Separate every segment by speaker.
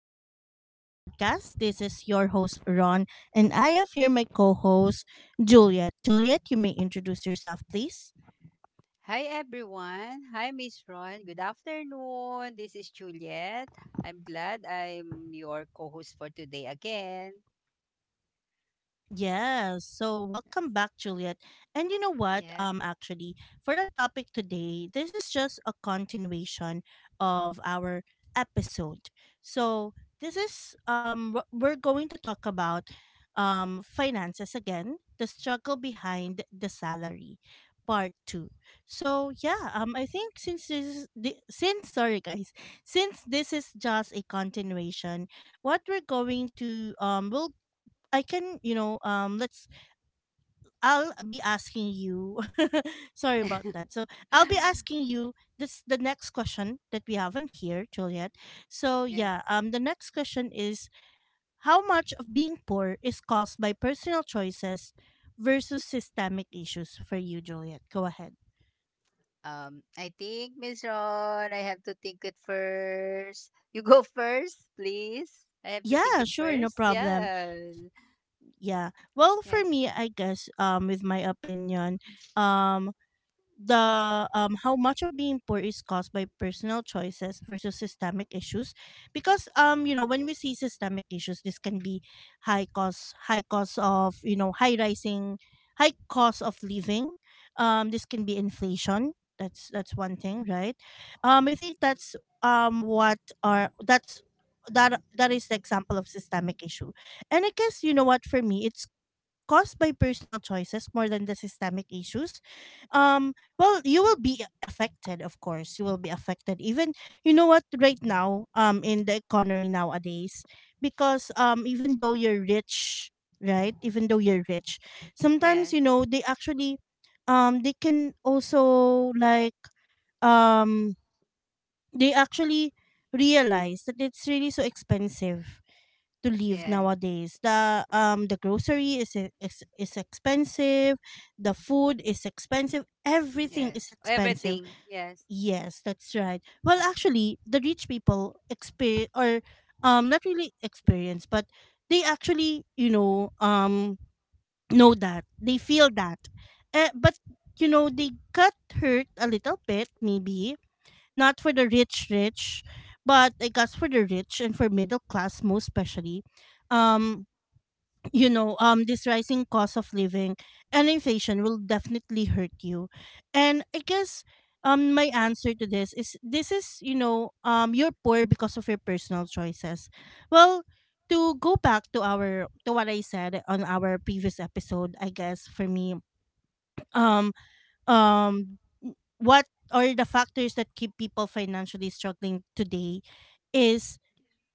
Speaker 1: Unfiltered Growth Podcast. This is your host, Ron, and I have here my co host, Juliet. Juliet, you may introduce yourself, please.
Speaker 2: Hi everyone. Hi Miss Ron. Good afternoon. This is Juliet. I'm glad I'm your co-host for today again.
Speaker 1: Yes. So welcome back, Juliet. And you know what?
Speaker 2: Yeah.
Speaker 1: Actually, for our topic today, this is just a continuation of our episode. So this is we're going to talk about finances again, the struggle behind the salary, part two. So yeah, I think since sorry guys, since this is just a continuation, what we're going to we'll I can, you know, let's. I'll be asking you. Sorry about that. So I'll be asking you this the next question that we have on here, Juliet. So
Speaker 2: Yes.
Speaker 1: yeah, the next question is, how much of being poor is caused by personal choices versus systemic issues for you, Juliet? Go ahead.
Speaker 2: I think, Miss Ron, I have to think it first. You go first, please. I have to think
Speaker 1: Yeah,
Speaker 2: it
Speaker 1: sure, no
Speaker 2: first.
Speaker 1: problem.
Speaker 2: Yeah.
Speaker 1: Yeah. Well, for
Speaker 2: Yes.
Speaker 1: me, I guess with my opinion, um the how much of being poor is caused by personal choices versus systemic issues, because you know, when we see systemic issues, this can be high cost of, you know, high cost of living. This can be inflation. That's one thing, right? I think that's what are that's That is the example of systemic issue. And I guess, you know what, for me it's caused by personal choices more than the systemic issues. Well, you will be affected, of course, you will be affected even, you know what, right now in the economy nowadays, because even though you're rich, right, even though you're rich, sometimes,
Speaker 2: Yes.
Speaker 1: you know, they actually they can also like um they actually realize that it's really so expensive to live
Speaker 2: Yeah.
Speaker 1: nowadays. The grocery is is expensive, the food is expensive, everything
Speaker 2: Yes.
Speaker 1: is expensive.
Speaker 2: Everything. Yes.
Speaker 1: Yeah, that's right. Well, actually, the rich people experience or not really experience, but they actually, you know, know that they feel that, but you know they got hurt a little bit, maybe not for the rich rich, but I guess for the rich and for middle class most especially, um you know, this rising cost of living and inflation will definitely hurt you. And I guess my answer to this is, this is, you know, you're poor because of your personal choices. Well, to go back to our to what I said on our previous episode, I guess for me, um um what are the factors that keep people financially struggling today is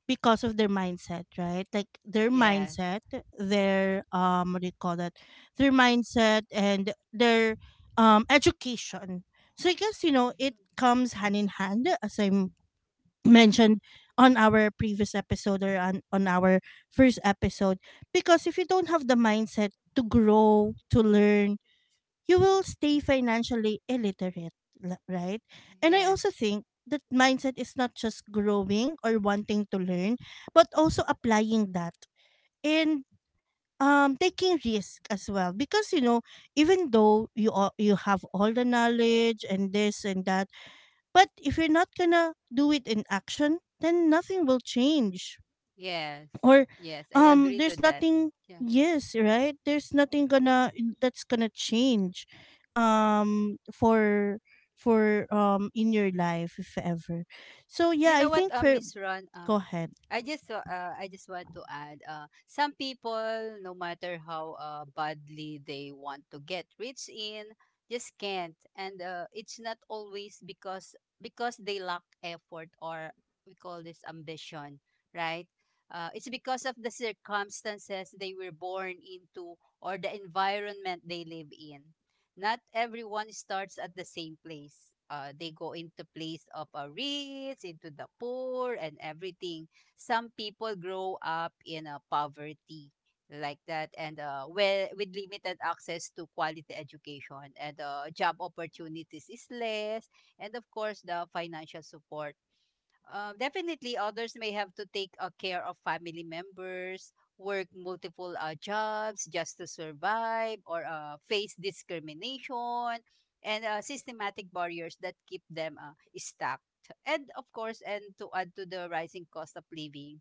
Speaker 1: because of their mindset, right? Like their
Speaker 2: Yeah.
Speaker 1: mindset, their what do you call that? Their mindset and their education. So I guess, you know, it comes hand in hand, as I mentioned on our previous episode, or on our first episode, because if you don't have the mindset to grow, to learn, you will stay financially illiterate, right? And I
Speaker 2: Yeah.
Speaker 1: also think that mindset is not just growing or wanting to learn, but also applying that, and taking risk as well, because, you know, even though you have all the knowledge and this and that, but if you're not gonna do it in action, then nothing will change.
Speaker 2: Yes.
Speaker 1: Or
Speaker 2: Yes. I agree to
Speaker 1: there's
Speaker 2: that.
Speaker 1: nothing,
Speaker 2: Yeah.
Speaker 1: yes, right? There's nothing gonna That's gonna change um for for in your life, if ever. So
Speaker 2: You
Speaker 1: yeah, I
Speaker 2: know what,
Speaker 1: think for,
Speaker 2: Miss Ron? Uh,
Speaker 1: go ahead.
Speaker 2: I just wa- uh, I just want to add, some people, no matter how badly they want to get rich in, just can't. And it's not always because they lack effort, or we call this ambition, right? It's because of the circumstances they were born into, or the environment they live in. Not everyone starts at the same place. They go into place of a rich, into the poor, and everything. Some people grow up in a poverty like that, and, well, with limited access to quality education, and job opportunities is less, and of course, the financial support. Definitely, others may have to take care of family members, work multiple jobs just to survive, or face discrimination, and systematic barriers that keep them stuck. And of course, and to add to the rising cost of living,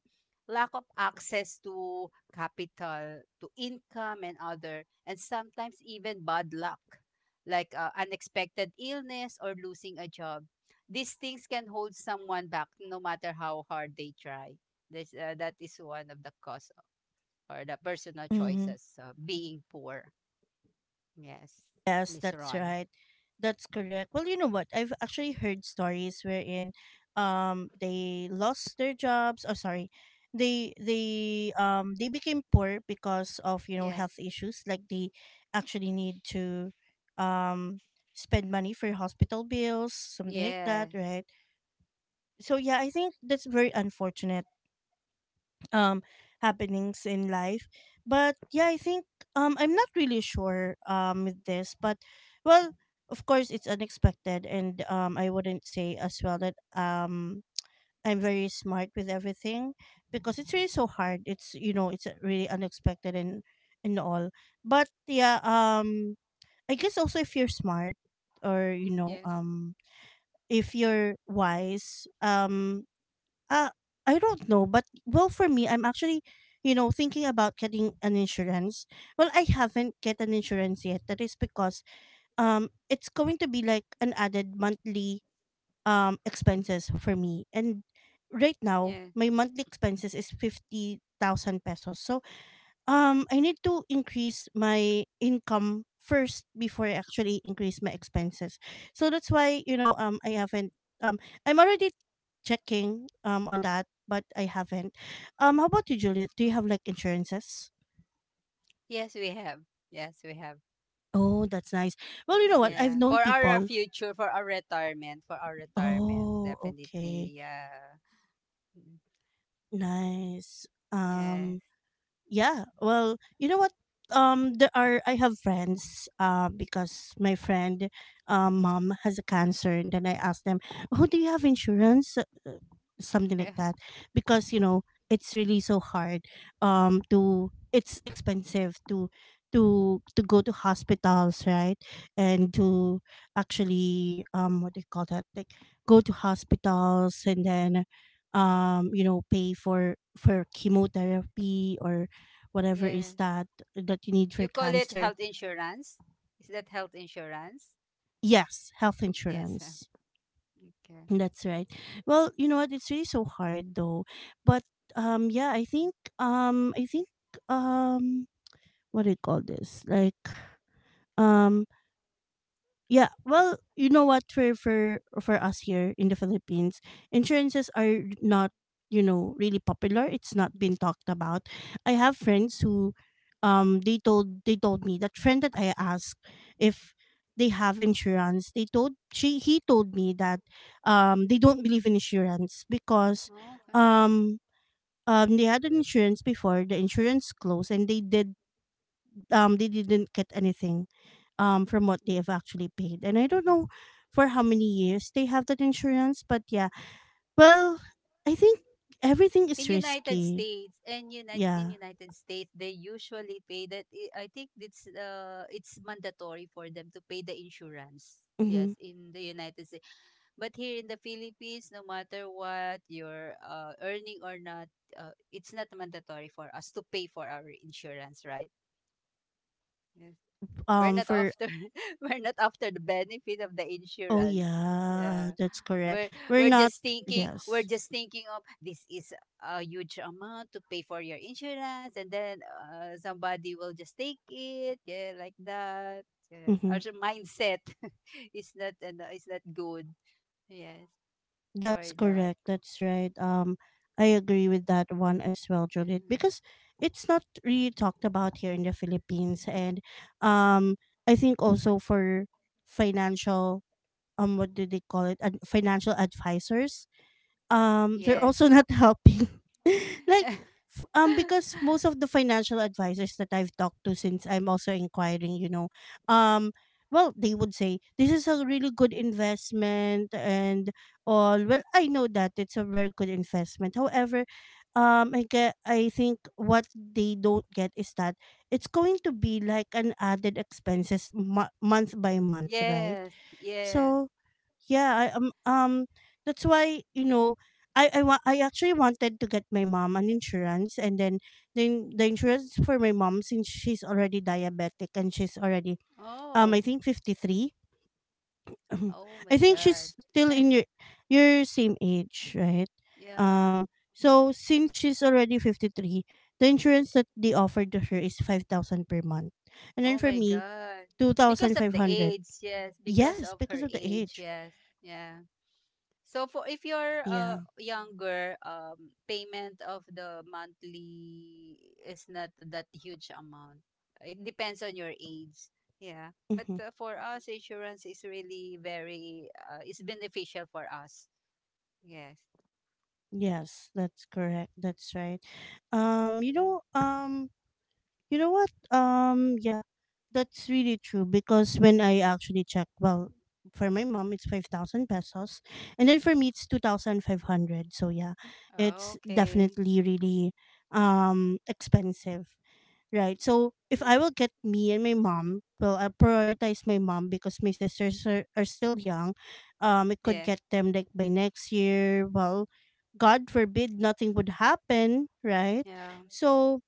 Speaker 2: lack of access to capital, to income, and other, and sometimes even bad luck, like unexpected illness or losing a job, these things can hold someone back no matter how hard they try. This That is one of the cause, or the personal
Speaker 1: Mm-hmm.
Speaker 2: choices. Being poor. Yes,
Speaker 1: Yes,
Speaker 2: Miss
Speaker 1: that's
Speaker 2: Ron.
Speaker 1: right. That's correct. Well, you know what? I've actually heard stories wherein they lost their jobs. Oh, sorry. They became poor because of, you know,
Speaker 2: Yes,
Speaker 1: health issues. Like they actually need to um spend money for hospital bills, something like that,
Speaker 2: yes,
Speaker 1: right? So yeah, I think that's very unfortunate um happenings in life. But yeah, I think I'm not really sure with this, but, well, of course it's unexpected, and I wouldn't say as well that I'm very smart with everything, because it's really so hard. It's, you know, it's really unexpected and all. But yeah, I guess also if you're smart, or, you know,
Speaker 2: yes,
Speaker 1: if you're wise, uh, I don't know, but well, for me, I'm actually, you know, thinking about getting an insurance. Well, I haven't get an insurance yet. That is because it's going to be like an added monthly expenses for me, and right now
Speaker 2: yes,
Speaker 1: my monthly expenses is 50,000 pesos. So I need to increase my income first before I actually increase my expenses. So that's why, you know, I haven't um I'm already checking on that, but I haven't. How about you, Juliet? Do you have like insurances?
Speaker 2: yes. We have. Yes, we have.
Speaker 1: Oh, that's nice. Well, you know what? I've
Speaker 2: Yeah,
Speaker 1: known
Speaker 2: for our
Speaker 1: people.
Speaker 2: future, for our retirement,
Speaker 1: Oh, okay.
Speaker 2: definitely. Yeah. Mm.
Speaker 1: Nice.
Speaker 2: Yes.
Speaker 1: Um Yeah. Well, you know what? There are, I have friends. Because my friend, mom has a cancer, and then I asked them, "Oh, do you have insurance?" Something like that, because you know it's really so hard. To, it's expensive to to go to hospitals, right? And to actually what do you call that? Like, go to hospitals and then you know, pay for chemotherapy or whatever
Speaker 2: Yeah.
Speaker 1: is that that you need
Speaker 2: You
Speaker 1: for
Speaker 2: call it
Speaker 1: cancer.
Speaker 2: health insurance? Is that health insurance?
Speaker 1: Yes, health
Speaker 2: Yes.
Speaker 1: insurance.
Speaker 2: Okay.
Speaker 1: That's right. Well, you know what? It's really so hard though. But yeah, I think um, I think um, what do you call this? Like um, yeah, well, you know what, for us here in the Philippines, insurances are not, you know, really popular. It's not been talked about. I have friends who they told me, that friend that I asked if they have insurance, they told, she he told me that they don't believe in insurance, because
Speaker 2: Okay.
Speaker 1: um they had an insurance before, the insurance closed, and they didn't get anything from what they have actually paid, and I don't know for how many years they have that insurance. But yeah, well, I think everything
Speaker 2: in
Speaker 1: is
Speaker 2: United
Speaker 1: risky.
Speaker 2: States and United in
Speaker 1: Yeah.
Speaker 2: United States they usually pay that. Think it's mandatory for them to pay the insurance.
Speaker 1: Mm-hmm.
Speaker 2: Yes, in the United States. But here in the Philippines, no matter what you're earning or not, it's not mandatory for us to pay for our insurance, right? We're not
Speaker 1: For
Speaker 2: after we're not after the benefit of the
Speaker 1: Oh
Speaker 2: insurance.
Speaker 1: yeah,
Speaker 2: Yeah.
Speaker 1: that's correct,
Speaker 2: We're
Speaker 1: we're
Speaker 2: we're
Speaker 1: not.
Speaker 2: just thinking we're
Speaker 1: Yes.
Speaker 2: just thinking of this, is a huge amount to pay for your insurance, and then, somebody will just take it. Yeah, like that. Yes.
Speaker 1: Mm-hmm.
Speaker 2: Our mindset is not and is not good. Yes, for
Speaker 1: That's
Speaker 2: that.
Speaker 1: correct, that's right. I agree with that one as well, Judith,
Speaker 2: Mm.
Speaker 1: because it's not really talked about here in the Philippines, and um I think also for financial, what do they call it, financial advisors, they're
Speaker 2: Yes.
Speaker 1: also not helping like, because most of the financial advisors that I've talked to, since I'm also inquiring, you know, um well, they would say this is a really good investment and all. Well, I know that it's a very good investment, however, I get, I think what they don't get is that it's going to be like an added expenses month by month, right?
Speaker 2: Yes, yes.
Speaker 1: So, yeah, I that's why, you know, I actually wanted to get my mom an insurance, and then the insurance for my mom, since she's already diabetic and she's already
Speaker 2: Oh,
Speaker 1: I think 53.
Speaker 2: oh
Speaker 1: I
Speaker 2: my
Speaker 1: think
Speaker 2: God.
Speaker 1: she's still in your same age, right?
Speaker 2: Yeah.
Speaker 1: Um, so since she's already 53, the insurance that they offered to her is 5,000 per month. And then
Speaker 2: Oh
Speaker 1: for
Speaker 2: my
Speaker 1: me,
Speaker 2: God. Because of the
Speaker 1: 2,500.
Speaker 2: age, yes. Because
Speaker 1: Yes,
Speaker 2: of
Speaker 1: because
Speaker 2: her
Speaker 1: of the
Speaker 2: age,
Speaker 1: age.
Speaker 2: yes. Yeah. So for, if you're
Speaker 1: Yeah.
Speaker 2: younger, payment of the monthly is not that huge amount. It depends on your age. Yeah. But
Speaker 1: Mm-hmm.
Speaker 2: for us, insurance is really very, it's beneficial for us. Yes.
Speaker 1: Yes, that's correct. That's right. Um, you know, um, you know what? Yeah, that's really true, because when I actually checked, well, for my mom it's 5,000 pesos, and then for me it's two thousand five hundred. So yeah, it's
Speaker 2: Okay.
Speaker 1: definitely really expensive. Right. So if
Speaker 2: Yes.
Speaker 1: I will get me and my mom, well, I prioritize my mom, because my sisters are still young. It could
Speaker 2: Yeah.
Speaker 1: get them like by next year. Well, God forbid nothing would happen, right?
Speaker 2: Yeah.
Speaker 1: So,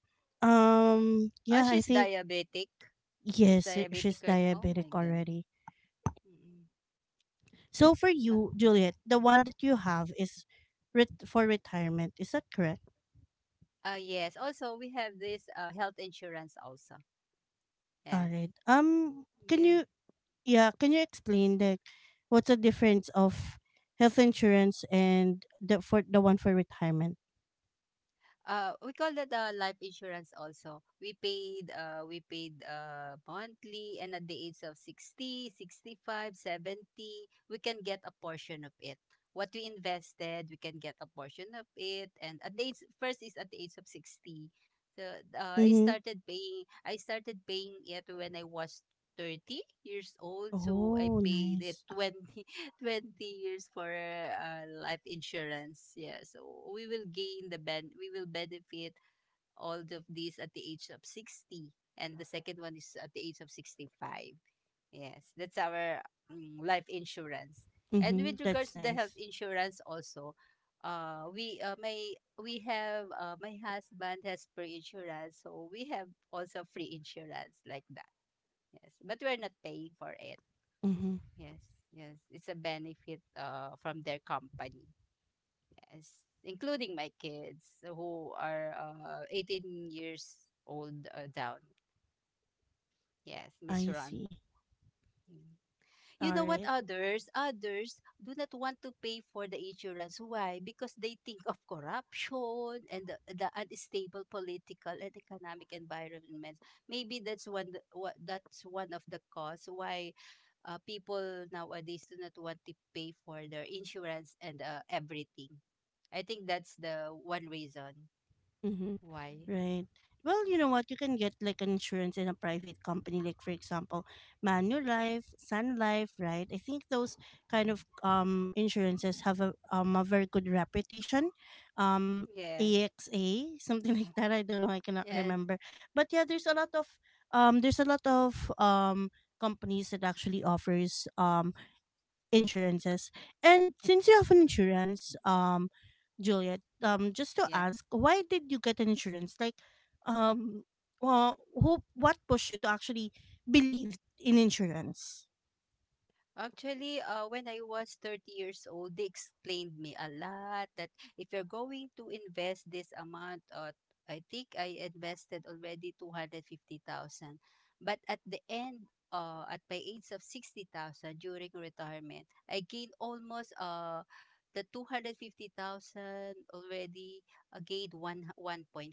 Speaker 2: Oh,
Speaker 1: yeah, I
Speaker 2: she's
Speaker 1: think,
Speaker 2: diabetic. She's
Speaker 1: yes, she's
Speaker 2: diabetic, right. Oh
Speaker 1: diabetic
Speaker 2: my God.
Speaker 1: already.
Speaker 2: Mm-mm.
Speaker 1: So for
Speaker 2: Ah,
Speaker 1: you, Juliet, the one that you have is for retirement. Is that correct?
Speaker 2: Yes. Also, we have this health insurance also.
Speaker 1: All
Speaker 2: Yes.
Speaker 1: right. Can
Speaker 2: Yes.
Speaker 1: you, yeah, can you explain like what's the difference of health insurance and the, for the one for retirement?
Speaker 2: We call that life insurance also. We paid monthly, and at the age of 60, 65, 70, we can get a portion of it. What we invested, we can get a portion of it. And first is at the age of 60. So I
Speaker 1: Mhm.
Speaker 2: started paying I started paying it when I was 30 years old. So I
Speaker 1: Oh,
Speaker 2: paid it
Speaker 1: nice.
Speaker 2: 20 years for life insurance. Yeah, so we will benefit all of these at the age of 60, and the second one is at the age of 65. Yes, that's our life insurance. And
Speaker 1: Mhm.
Speaker 2: with regards
Speaker 1: That's
Speaker 2: to the
Speaker 1: nice.
Speaker 2: health insurance also, we my we have my husband has free insurance, so we have also free insurance like that. Yes, but we're not paying for it.
Speaker 1: Mhm.
Speaker 2: Yes, yes. It's a benefit from their company. Yes, including my kids who are 18 years old down. Yes, Miss
Speaker 1: I
Speaker 2: Ron.
Speaker 1: see.
Speaker 2: Mm. You
Speaker 1: All
Speaker 2: know what,
Speaker 1: right.
Speaker 2: others do not want to pay for the insurance, why? Because they think of corruption, and the unstable political and economic environment, maybe that's that's one of the cause why people nowadays do not want to pay for their insurance, and everything. I think that's the one reason
Speaker 1: Mhm.
Speaker 2: why.
Speaker 1: Right. Well, you know what? You can get like an insurance in a private company, like for example, Manulife, Sun Life, right? I think those kind of insurances have a very good reputation. Um
Speaker 2: Yes.
Speaker 1: AXA, something like that. I don't know, I cannot
Speaker 2: Yes.
Speaker 1: remember. But yeah, there's a lot of there's a lot of companies that actually offers insurances. And since you have an insurance, Juliet, just to
Speaker 2: Yes.
Speaker 1: ask, why did you get an insurance? Like, um, well, what pushed you to actually believe in insurance?
Speaker 2: Actually, when I was 30 years old, they explained me a lot that if you're going to invest this amount, I think I invested already 250,000. But at the end, at my age of 60,000 during retirement, I gained almost, the 250,000 already, gained 1.5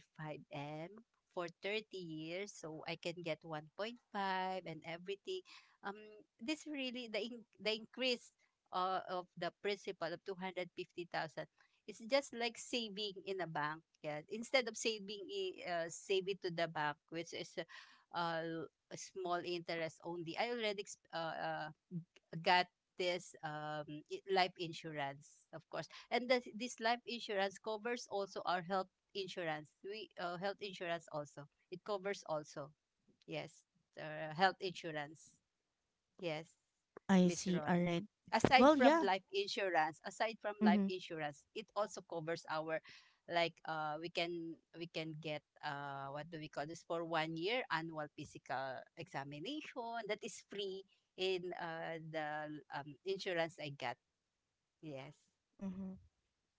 Speaker 2: M for 30 years. So I can get 1.5, and everything. um, this really the increase, of the principal of 250,000. It's just like saving in a bank, yeah, instead of saving, save it to the bank, which is uh, a small interest only. I already got this life insurance, of course, and this life insurance covers also our health insurance. We Health insurance also, it covers also. Yes. Health insurance. Yes,
Speaker 1: I
Speaker 2: Miss
Speaker 1: see.
Speaker 2: Ron.
Speaker 1: All right.
Speaker 2: Aside
Speaker 1: Well,
Speaker 2: from
Speaker 1: yeah.
Speaker 2: life insurance,
Speaker 1: Mm-hmm.
Speaker 2: it also covers our, we can get, what do we call this, for one year annual physical examination that is free in the insurance I got. Yes.
Speaker 1: Mm-hmm.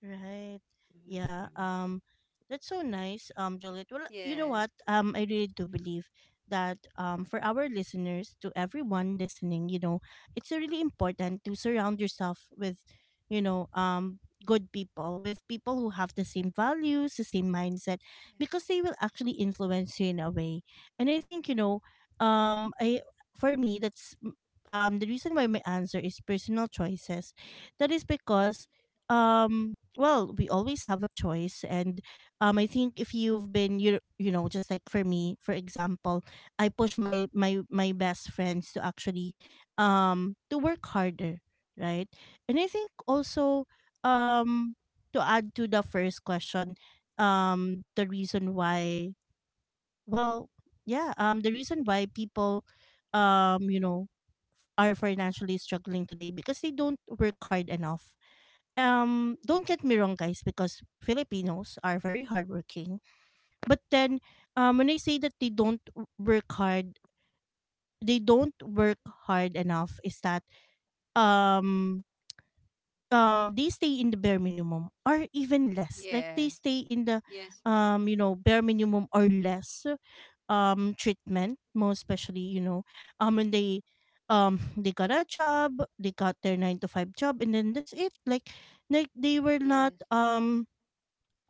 Speaker 1: Right.
Speaker 2: Miss
Speaker 1: Yeah.
Speaker 2: Ron.
Speaker 1: That's so nice, Juliet. Well, you know
Speaker 2: Yes.
Speaker 1: what? I really do believe that for our listeners, to everyone listening, you know, it's really important to surround yourself with, you know, um good people, with people who have the same values, the same mindset, because they will actually influence you in a way. And I think, you know, I for me the reason why my answer is personal choices. That is because um well, we always have a choice, and I think if you've been you you know just like for me, for example, I push my best friends to actually to work harder, right? And I think also, um to add to the first question, the reason why, well yeah the reason why people, um, are financially struggling today, because they don't work hard enough. Don't get me wrong, guys, because Filipinos are very hardworking, but then, when I say that they don't w- work hard they don't work hard enough, is that, um they stay in the bare minimum or even less. Like they
Speaker 2: Yes.
Speaker 1: stay in the,
Speaker 2: Yes.
Speaker 1: you know, bare minimum or less treatment, most especially, you know, when they, they got a job, they got their 9 to 5 job, and then that's it. Like they were not
Speaker 2: Yes.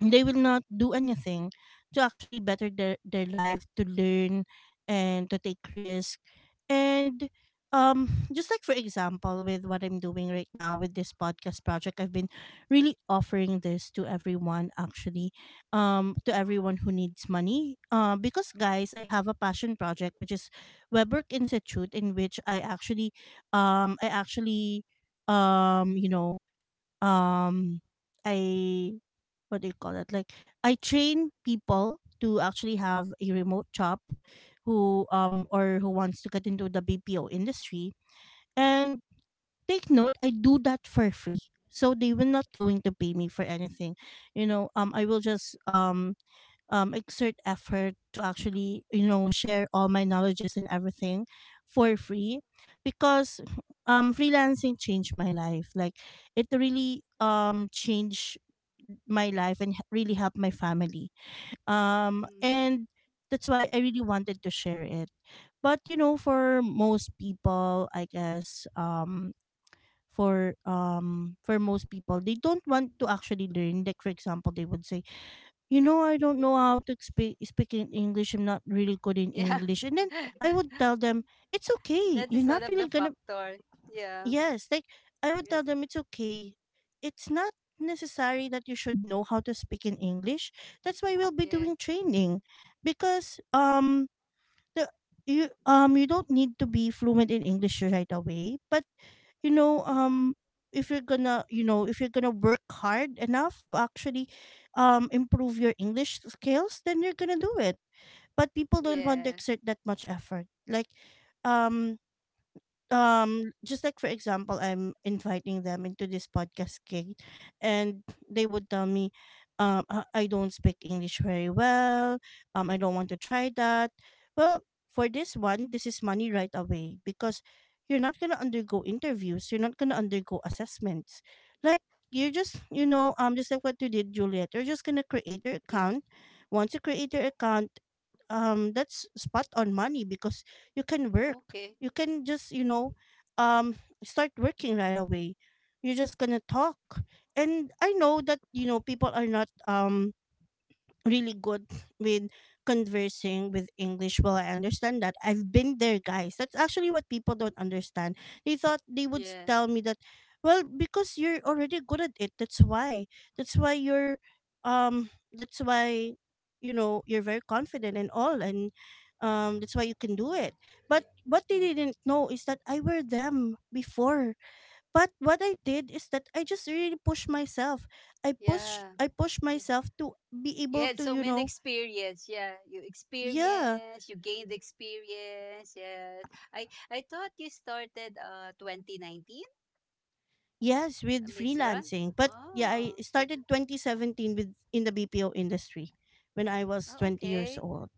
Speaker 1: they will not do anything to actually better their life, to learn and to take risk. And just like for example, with what I'm doing right now with this podcast project, I've been really offering this to everyone, actually, to everyone who needs money, because, guys, I have a passion project, which is Webwork Institute, in which I actually, um i actually um you know um I, what do you call it? Like, I train people to actually have a remote job who or who wants to get into the BPO industry. And take note, I do that for free. So they will not going to pay me for anything. You know, I will just exert effort to actually, you know, share all my knowledges and everything for free, because freelancing changed my life. Like it really changed my life and really helped my family,
Speaker 2: Mm-mm.
Speaker 1: and that's why I really wanted to share it. But you know, for most people, I guess, for most people, they don't want to actually learn. Like for example, they would say, you know, I don't know how to speak in English. I'm not really good in
Speaker 2: Yeah.
Speaker 1: English. And then I would tell them, it's okay.
Speaker 2: That
Speaker 1: You're
Speaker 2: is one
Speaker 1: not
Speaker 2: of
Speaker 1: really
Speaker 2: the
Speaker 1: gonna
Speaker 2: factor. Yeah.
Speaker 1: yes, like I would tell
Speaker 2: Yes.
Speaker 1: them, it's okay. It's not necessary that you should know how to speak in English. That's why we'll be
Speaker 2: Yeah.
Speaker 1: doing training. Because the you you don't need to be fluent in English right away, but you know,
Speaker 2: Yeah.
Speaker 1: if you're gonna you know if you're gonna work hard enough to actually improve your English skills, then you're gonna do it. But people don't want to
Speaker 2: Yes.
Speaker 1: exert that much effort. Like, um just like for example, I'm inviting them into this podcast gig, and they would tell me, I don't speak English very well, I don't want to try that. Well, for this one, this is money right away, because you're not going to undergo interviews, you're not going to undergo assessments. Like, you're just, you know, just like what you did, Juliet, you're just going to create your
Speaker 2: Yes.
Speaker 1: account. Once you create your account, that's spot on money, because you can work,
Speaker 2: Okay.
Speaker 1: you can just, you know, um start working right away. You're just gonna talk. And I know that, you know, people are not really good with conversing with English. Well, I understand that. I've been there, guys. That's actually what people don't understand. They thought they would
Speaker 2: Yeah.
Speaker 1: tell me that, well, because you're already good at it. That's why. That's why you're, that's why, you know, you're very confident and all, and that's why you can do it. But what they didn't know is that I were them before. But what I did is that I just really pushed myself. I push
Speaker 2: Yeah.
Speaker 1: I pushed
Speaker 2: Yeah.
Speaker 1: myself to be
Speaker 2: You
Speaker 1: able
Speaker 2: had
Speaker 1: to,
Speaker 2: so
Speaker 1: you
Speaker 2: many
Speaker 1: know,
Speaker 2: experience. Yeah.
Speaker 1: yeah,
Speaker 2: You gained experience. Yeah. I thought you started 2019,
Speaker 1: yes, with
Speaker 2: Miss Run.
Speaker 1: freelancing. But yeah, I
Speaker 2: Oh, f-
Speaker 1: started 2017 with in the BPO industry when I was
Speaker 2: oh,
Speaker 1: 20 years
Speaker 2: okay.
Speaker 1: old.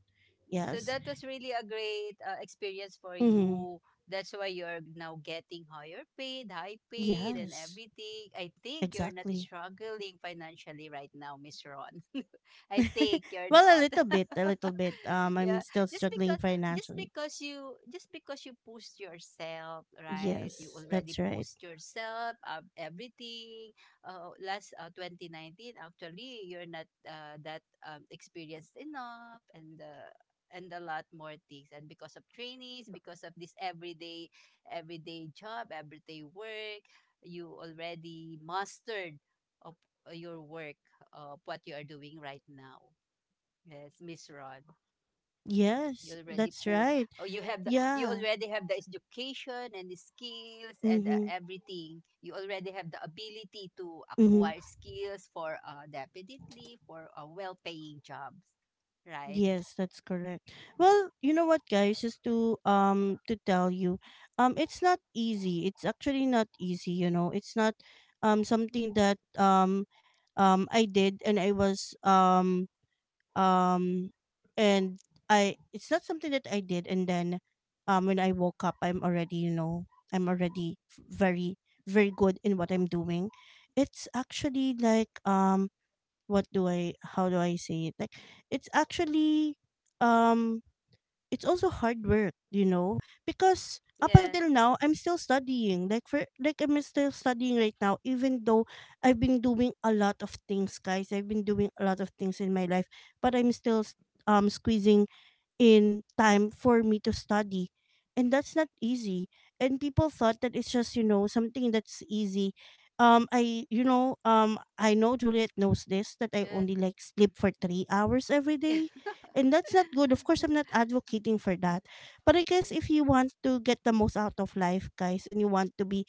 Speaker 2: So
Speaker 1: Yes.
Speaker 2: that was really a great experience for
Speaker 1: Mm-hmm.
Speaker 2: you. That's why you're now getting higher paid, high paid, and
Speaker 1: Yes.
Speaker 2: everything. I think you're not
Speaker 1: Exactly.
Speaker 2: struggling financially right now, Miss Ron. I think you're
Speaker 1: well, a
Speaker 2: not.
Speaker 1: little bit, a little bit. I'm
Speaker 2: Yeah,
Speaker 1: still
Speaker 2: just
Speaker 1: struggling
Speaker 2: because,
Speaker 1: financially.
Speaker 2: just because you pushed yourself, right? You
Speaker 1: Yes,
Speaker 2: already
Speaker 1: that's right.
Speaker 2: pushed yourself up everything. Last 2019, actually, you're not that, experienced enough, and a lot more things, and because of this, everyday job, everyday work, you already mastered of your work, of what you are doing right now. Yes, Miss Ron. you
Speaker 1: Yes,
Speaker 2: already
Speaker 1: that's
Speaker 2: put
Speaker 1: right.
Speaker 2: oh you have the you
Speaker 1: Yeah.
Speaker 2: already have the education, and the skills, and
Speaker 1: Mhm.
Speaker 2: everything. You already have the ability to
Speaker 1: Mhm.
Speaker 2: acquire skills for, definitely, for a well-paying jobs, right.
Speaker 1: Yes, that's correct. Well, you know what, guys, just to tell you, it's not easy. It's actually not easy. You know, it's not something that I did, and I was um and I it's not something that I did, and then when I woke up, I'm already, you know, I'm already very very good in what I'm doing. It's actually like, what do I, how do I say it? Like, it's actually, um it's also hard work, you know? Because up
Speaker 2: Yeah,
Speaker 1: until now, I'm still studying. Like I'm still studying right now, even though I've been doing a lot of things, guys. I've been doing a lot of things in my life, but I'm squeezing in time for me to study. And that's not easy. And people thought that it's just, you know, something that's easy. I, you know, I know Juliet knows this that I
Speaker 2: yeah.
Speaker 1: only like sleep for 3 hours every
Speaker 2: Yeah.
Speaker 1: day. And that's not good. Of course, I'm not advocating for
Speaker 2: Yeah,
Speaker 1: that. But I guess
Speaker 2: yeah.
Speaker 1: if you want to get the most out of life, guys, and you want to be,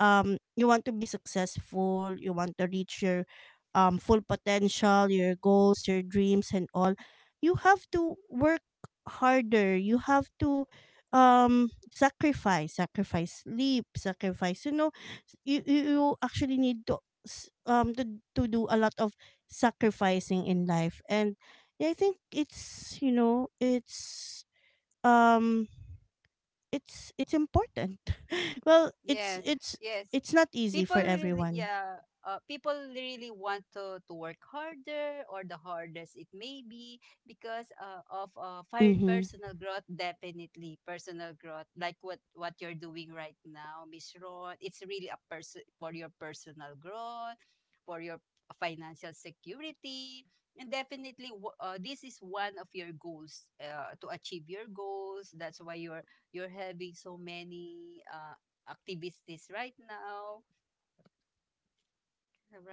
Speaker 1: you want to be successful, you want to reach your full potential, your goals, your dreams, and all, you have to work harder. You have to sacrifice, sacrifice sleep, sacrifice. You know, you you actually need to s- um to to do a lot of sacrificing in life, and yeah, I think it's, you know, um it's important. well,
Speaker 2: Yes, yes.
Speaker 1: it's not easy for everyone.
Speaker 2: Yeah, people really want to work harder, or the hardest, it
Speaker 1: Mm-hmm.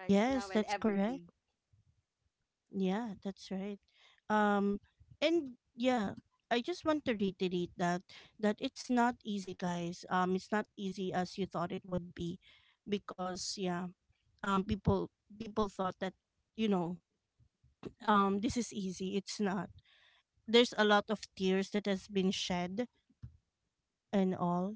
Speaker 1: Yes, that's correct. Yeah, that's right. Um, and yeah, I just want to reiterate that it's not easy, guys. It's not easy as you thought it would be, because yeah, um, people people thought that, you know, this is easy. It's not. There's a lot of tears that has been shed and all